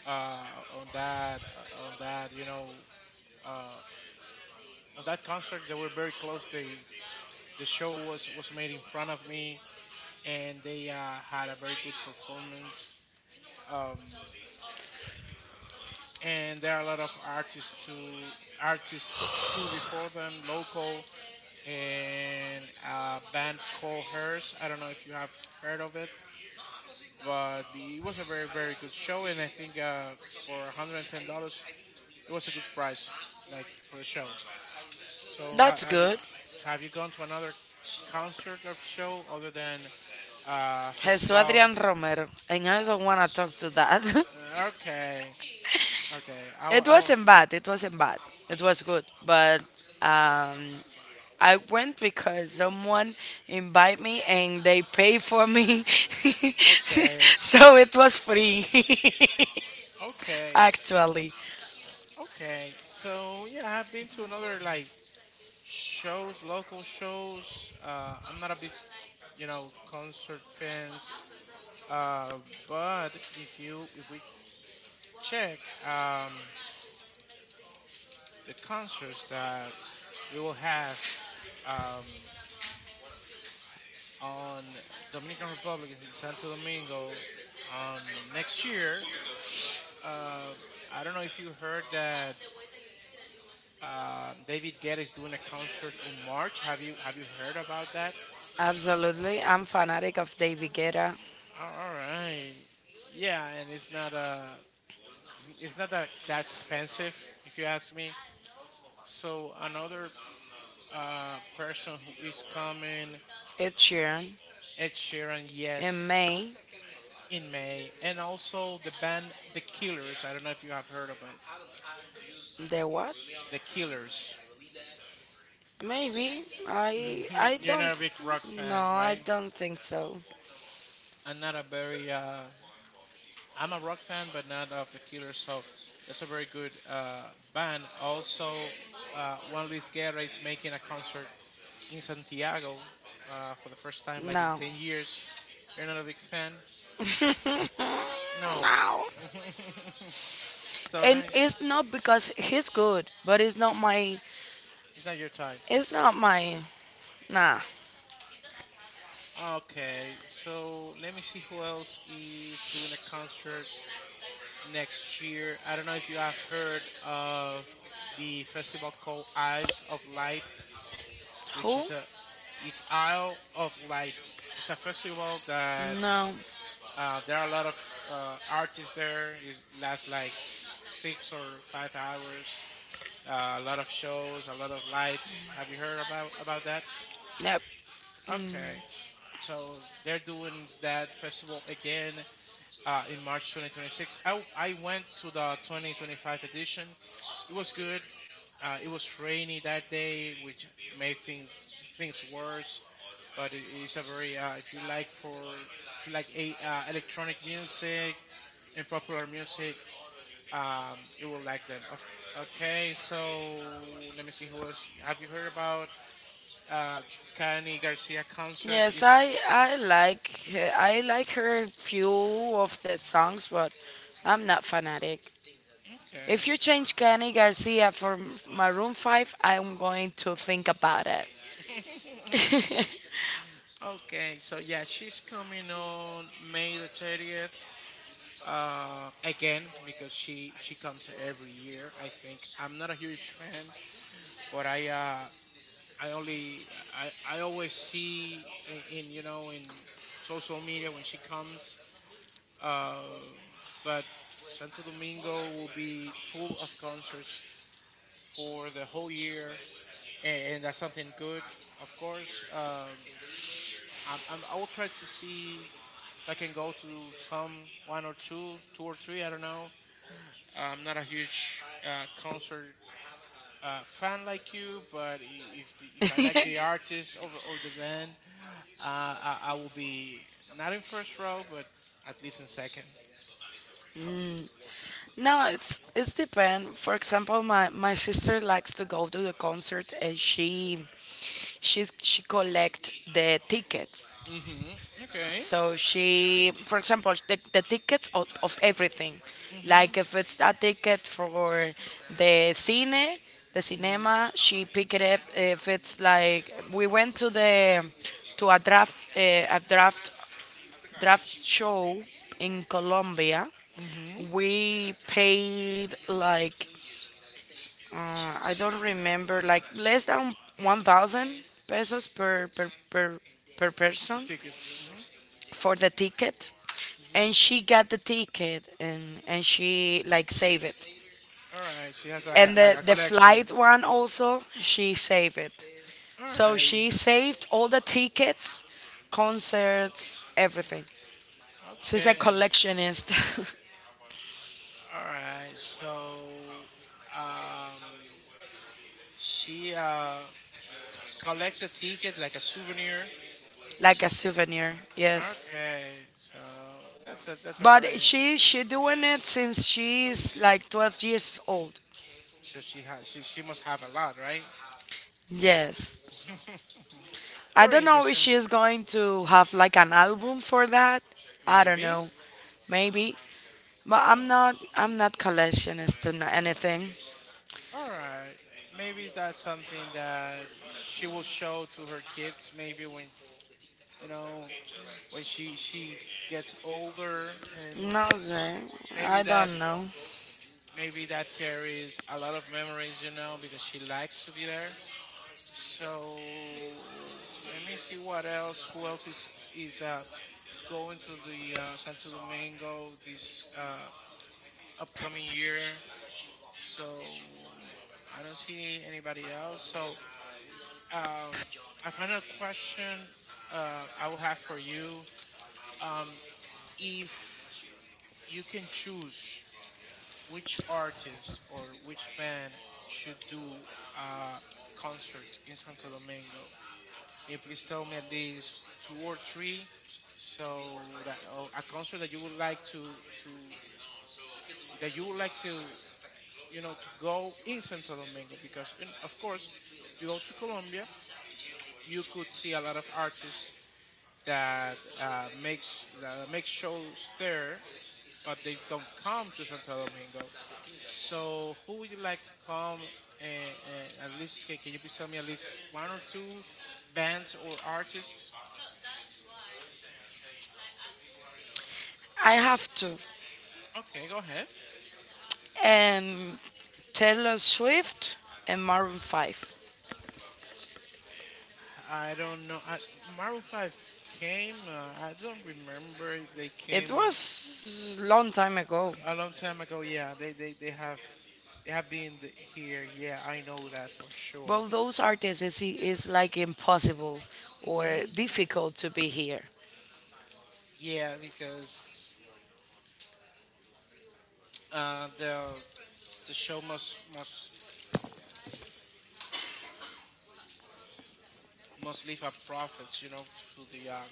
S2: on that you know uh, on that concert. They were very close. The show was made in front of me, and they had a very good performance, um, and there are a lot of artists too. Artists too before them, local, and a band called Hers. I don't know if you have heard of it, but it was a very very good show, and I think for $110 it was a good price, like for the show. So
S1: That's
S2: have you
S1: good.
S2: have you gone to another concert or show other than
S1: Jesus
S2: festival?
S1: Adrian Romero. And I don't want to talk to that.
S2: Okay, okay.
S1: it wasn't bad. It wasn't bad. It was good. But um, I went because someone invited me and they paid for me.
S2: Okay,
S1: so it was free.
S2: okay,
S1: Actually.
S2: okay. So yeah, I've been to another like shows, local shows. I'm not a big concert fans. Uh, but if you if we check um the concerts that we will have um on Dominican Republic is in Santo Domingo on next year. Uh, I don't know if you heard that David Guetta is doing a concert on March. Have you heard about that?
S1: Absolutely. I'm fanatic of David Guetta.
S2: All right. Yeah, and it's not it's not that expensive if you ask me. So another person who is coming,
S1: Ed Sheeran.
S2: Ed Sheeran,
S1: In
S2: yes,
S1: May.
S2: in May, and also the band The Killers. I don't know if you have heard of
S1: The what?
S2: The Killers.
S1: Maybe.
S2: Hmm.
S1: I
S2: You're
S1: don't
S2: not a big rock
S1: No,
S2: fan,
S1: I
S2: right?
S1: don't think so.
S2: I'm not a very. I'm a rock fan, but not of the Killers. So that's a very good band. Also, Juan Luis Guerra is making a concert in Santiago for the first time, like in
S1: No.
S2: 10 years. You're not a big fan. No.
S1: no.
S2: So let
S1: And
S2: me.
S1: it's not because he's good, but
S2: It's not your time.
S1: it's not my nah.
S2: Okay, so let me see who else is doing a concert next year. I don't know if you have heard of the festival called Isles of Light, which
S1: Who?
S2: is a is Isle of Light. It's a festival that
S1: No.
S2: there are a lot of artists there. It lasts like 6 or 5 hours. A lot of shows, a lot of lights. Have you heard about that?
S1: Yep.
S2: Okay, so they're doing that festival again in March 2026. I went to the 2025 edition. It was good. It was rainy that day, which made things worse. But it is a very uh, if you like a, electronic music and popular music, you will like them. Okay, so let me see who else. Have you heard about uh, Cani Garcia concert?
S1: Yes,
S2: Is
S1: I like her few of the songs, but I'm not fanatic. If you
S2: okay.
S1: change Kenny Garcia for Maroon Five, I'm going to think about it.
S2: Okay, so yeah, she's coming on May the 30th again because she comes every year. I think I'm not a huge fan, but I always see in you know in social media when she comes. Uh, but Santo Domingo will be full of concerts for the whole year, and that's something good, of course. Um, I will try to see if I can go to some one or two, two or three. I don't know, I'm not a huge concert fan like you, but if I like the artist or the band, uh, I will be not in first row, but at least in second.
S1: no, it's depend. For example, my sister likes to go to the concert, and she collect the tickets.
S2: Mhm. Okay.
S1: So she, for example, the tickets of everything.
S2: Mhm.
S1: Like if it's a ticket for the cine, the
S2: Mhm.
S1: cinema, she pick it up. If it's like we went to a draft a draft show in Colombia,
S2: Mhm.
S1: we paid like I don't remember like less than 1,000 pesos per
S2: For
S1: person
S2: ticket. Mhm.
S1: for the ticket,
S2: Mhm.
S1: and she got the ticket, and she like saved it,
S2: All right. She has
S1: and
S2: like
S1: the
S2: a
S1: the
S2: collection.
S1: flight one also she saved it,
S2: All
S1: so
S2: right.
S1: she saved all the tickets, concerts, everything. She's a
S2: Okay.
S1: collectionist.
S2: All right. So, um, she collects a ticket like a souvenir.
S1: like a souvenir, yes.
S2: Okay, so that's a
S1: But
S2: very,
S1: she doing it since she's like 12 years old.
S2: she has she must have a lot, right?
S1: Yes, I
S2: Very
S1: don't know if
S2: interesting.
S1: she's going to have like an album for that. I don't
S2: Maybe.
S1: know. Maybe. But
S2: Oh,
S1: I'm not collectionist to know anything.
S2: mm, all right. Maybe that's something that she will show to her kids. Maybe when you know when she gets older, and
S1: No sir. I
S2: maybe that
S1: don't know.
S2: maybe that carries a lot of memories. You know because she likes to be there. So let me see what else. Who else is going to the Santo Domingo this upcoming year? So I don't see anybody else. So um, a final question I will have for you: um, if you can choose which artist or which band should do a concert in Santo Domingo, you please tell me at least two or three, so that a concert that you would like to to that you would like to to go in Santo Domingo, because of course if you go to Colombia you could see a lot of artists that uh, make shows there, but they don't come to Santo Domingo. So who would you like to come, and at least can you please tell me at least one or two bands or artists,
S1: I have to.
S2: okay, go ahead.
S1: And Taylor Swift and Maroon Five.
S2: I don't know. Maroon Five came. I don't remember if they
S1: It
S2: came
S1: was long time ago.
S2: a long time ago. Yeah, they have been here. Yeah, I know that for sure.
S1: But those artists is like impossible or
S2: Hmm.
S1: difficult to be here.
S2: Yeah, because uh, the the show must leave a profit, you know, to the um,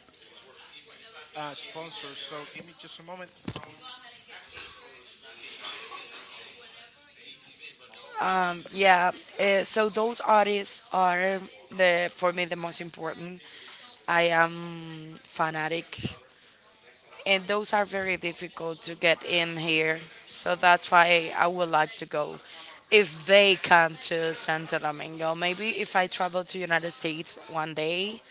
S2: uh, sponsors. So give me just a moment.
S1: Yeah. So those artists are the, for me, the most important. I am fanatic, and those are very difficult to get in here. So that's why I would like to go if they come to Santo Domingo. Maybe if I travel to United States one day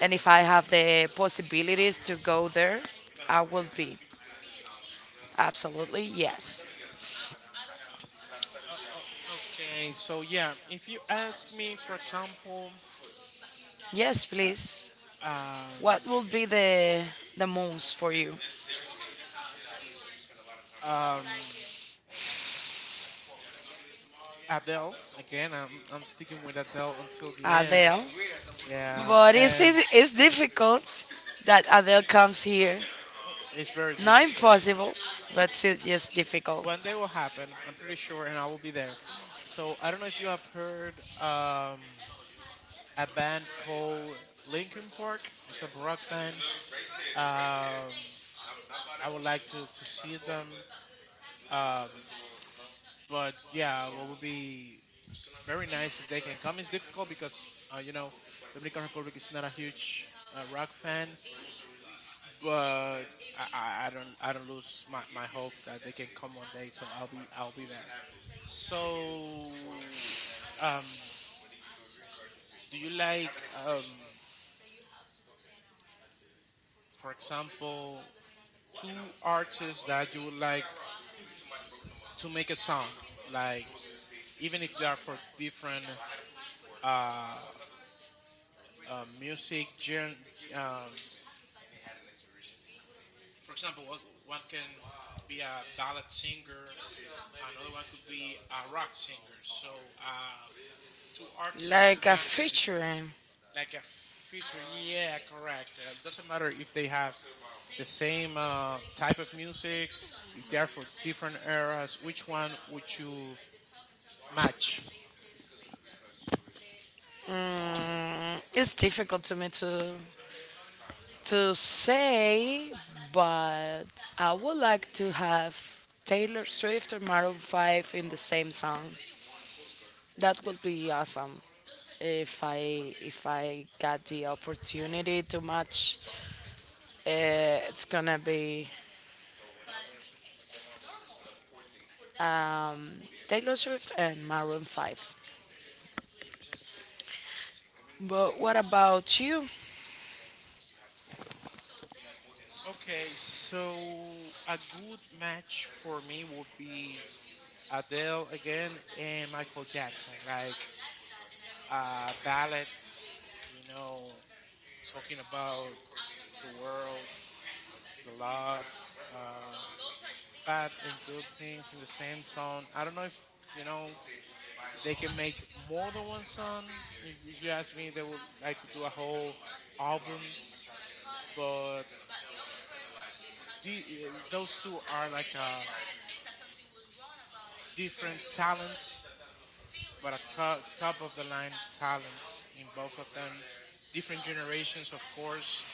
S1: and if I have the possibilities to go there, I will be. Absolutely, yes.
S2: Okay, so yeah, if you ask me, for example,
S1: Yes, please.
S2: uh, um,
S1: What will be the most for you,
S2: um, Adele again. I'm sticking with Adele until the end.
S1: Adele?
S2: Yeah,
S1: But is
S2: and
S1: it is difficult that Adele comes here?
S2: it's very
S1: Not
S2: difficult.
S1: impossible, but it's just difficult.
S2: One day will happen. I'm pretty sure, and I will be there. So I don't know if you have heard a band called Linkin Park. It's a rock band. Um, I would like to see them. Um, but yeah, what would be very nice if they can come. It's difficult because you know Dominican Republic is not a huge rock fan, but I don't lose my hope that they can come one day. So I'll be there. So, um, do you like for example, two artists that you would like to make a song, like, even if they are for different uh, music gen, um, for example, one can be a ballad singer, another one could be a rock singer. So, two artists or two
S1: Like a
S2: bands that, is
S1: featuring.
S2: like a feature. Yeah, correct. Like doesn't matter if they have the same type of music, if they are for different eras. Which one would you match?
S1: It's difficult to me to say, but I would like to have Taylor Swift or Maroon 5 in the same song. That would be awesome. If I got the opportunity to match, it's gonna be um, Taylor Swift and Maroon 5. But what about you?
S2: Okay, so a good match for me would be Adele again and Michael Jackson, like a ballad, you know, talking about the world, the love, uh, bad and good things in the same song. I don't know if you know they can make more than one song. If you ask me, they would like do a whole album. But those two are like different talents, but a top of the line talents in both of them. Different generations, of course,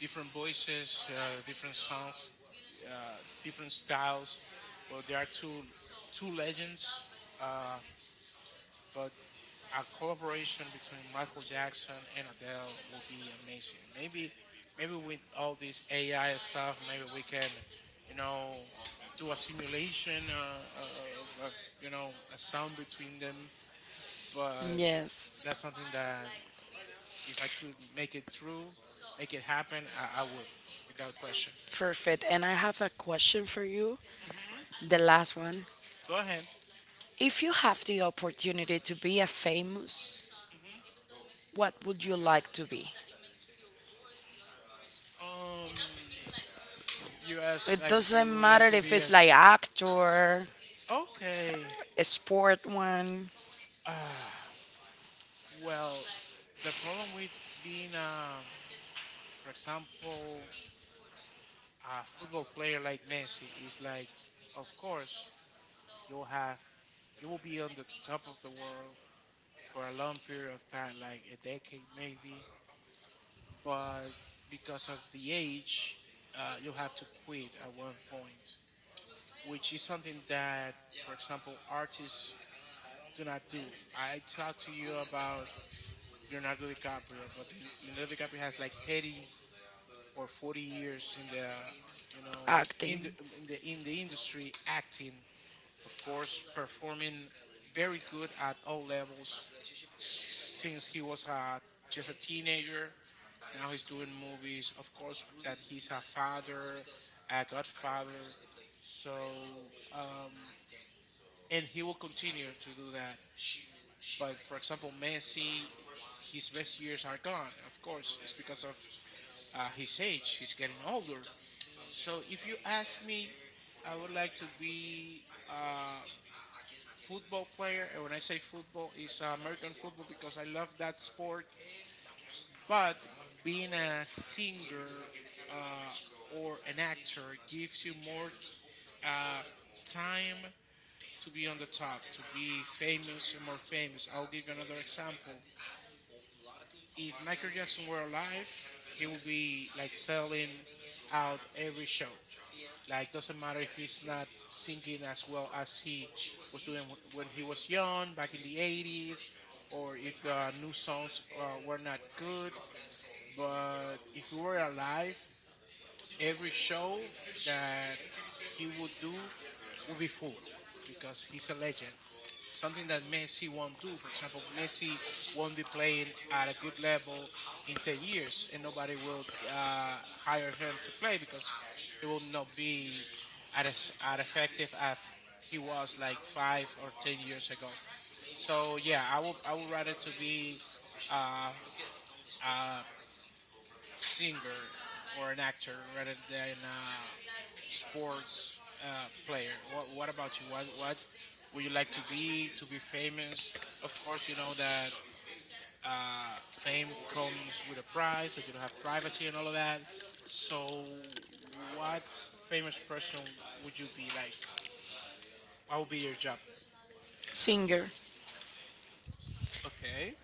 S2: different voices, different songs, different styles. But they are two legends. Uh, but a collaboration between Michael Jackson and Adele will be amazing. Maybe, maybe with all this AI stuff, maybe we can, you know, do a simulation of a sound between them. But that's
S1: Yes,
S2: something that if I could make it true, make it happen, I would, without question.
S1: perfect. And I have a question for you,
S2: Hmm.
S1: the last one.
S2: Go ahead.
S1: If you have the opportunity to be a famous,
S2: Hmm.
S1: what would you like to be?
S2: Um, you ask
S1: It
S2: like if you
S1: doesn't
S2: would
S1: matter
S2: like to
S1: if
S2: be
S1: it's
S2: as
S1: like actor,
S2: okay.
S1: a sport one,
S2: Ah, well, the problem with being, for example, a football player like Messi is like, of course, you'll have, you will be on the top of the world for a long period of time, like a decade maybe, but because of the age, you have to quit at one point, which is something that, for example, artists do not do. I talked to you about Leonardo DiCaprio, but Leonardo DiCaprio has like 30 or 40 years in the you know in
S1: acting,
S2: the in the, industry acting, of course performing very good at all levels since he was just a teenager. Now he's doing movies, of course, that he's a father, a godfather. So um, and he will continue to do that. But for example, Messi, his best years are gone, of course. It's because of his age, he's getting older. So if you ask me, I would like to be a football player. And when I say football, it's American football because I love that sport. But being a singer uh, or an actor gives you more uh, time to be on the top, to be famous and more famous. I'll give you another example. If Michael Jackson were alive, he would be like selling out every show. Like, doesn't matter if he's not singing as well as he was doing when he was young back in the 80s, or if the new songs were not good. But if we were alive, every show that he would do would be full because he's a legend. Something that Messi won't do. For example, Messi won't be playing at a good level in 10 years, and nobody will hire him to play because he will not be at as at effective as he was like five or 10 years ago. So yeah, I would rather to be uh, a singer or an actor rather than a sports player. What about you? What would you like to be famous? Of course, you know that fame comes with a price, that you don't have privacy and all of that. So, what famous person would you be like? What would be your job?
S1: singer,
S2: Okay.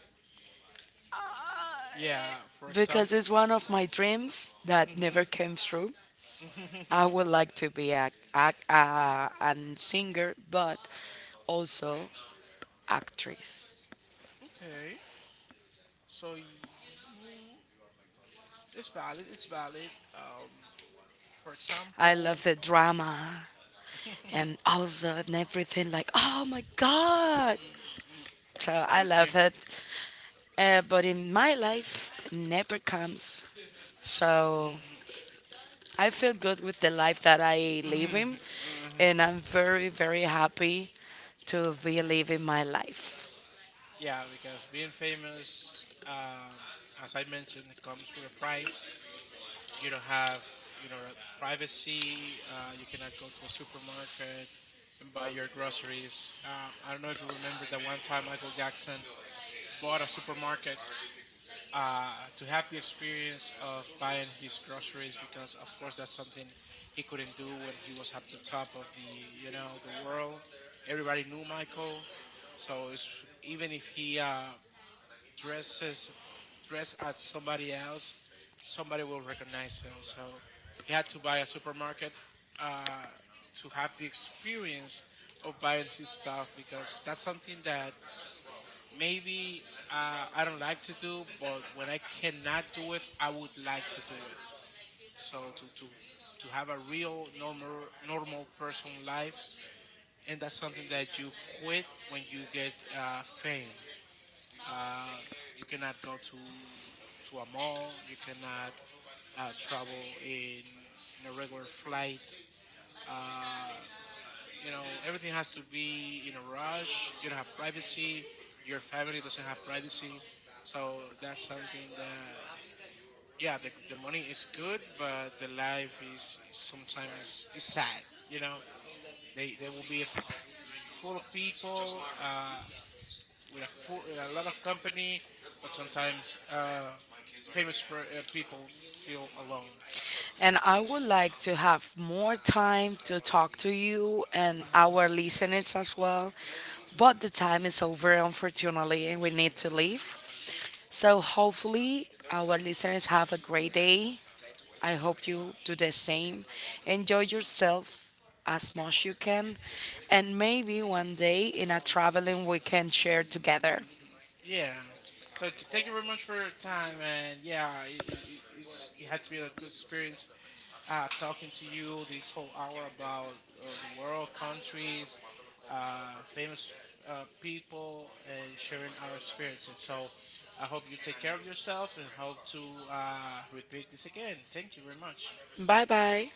S2: Yeah. For
S1: because it's
S2: example.
S1: one of my dreams that
S2: Hmm.
S1: never came true. I would like to be a an singer, but also actress.
S2: okay. So it's valid. It's valid. For
S1: I
S2: example,
S1: love the drama and also and everything like oh my god.
S2: mm,
S1: So I
S2: okay.
S1: love it, but in my life never comes. So
S2: mm,
S1: I
S2: what-
S1: feel good with the life that I live in,
S2: uh,
S1: and I'm very very happy to be living my life.
S2: yeah, because being famous, um, as I mentioned, it comes with a price. You don't have, you know, privacy. You cannot go to a supermarket and buy your groceries. I don't know if you remember that one time Michael Jackson bought a supermarket to have the experience of buying his groceries, because of course that's something he couldn't do when he was at the top of the the world. Everybody knew Michael. So it's, even if he dresses dress as somebody else, somebody will recognize him. So he had to buy a supermarket uh, to have the experience of buying his stuff, because that's something that maybe I don't like to do, but when I cannot do it, I would like to do it. So to have a real normal person life, and that's something that you quit when you get fame. Uh, you cannot go to a mall. You cannot travel in a regular flight. Uh, you know, everything has to be in a rush. You don't have privacy. Your family doesn't have privacy. So that's something that, yeah, the money is good, but the life is sometimes is sad. You know, they there will be full of people with a lot of company, but sometimes people feel alone.
S1: And I would like to have more time to talk to you and
S2: Mhm.
S1: our listeners as well. But the time is over, unfortunately, and we need to leave. So, hopefully, our listeners have a great day. I hope you do the same. Enjoy yourself as much you can, and maybe one day in a traveling we can share together.
S2: Mhm. Yeah. So thank you very much for your time, and yeah, it has been a good experience talking to you this whole hour about the world, countries, famous people, and sharing our experiences. So I hope you take care of yourself and hope to repeat this again. Thank you very much.
S1: Bye bye.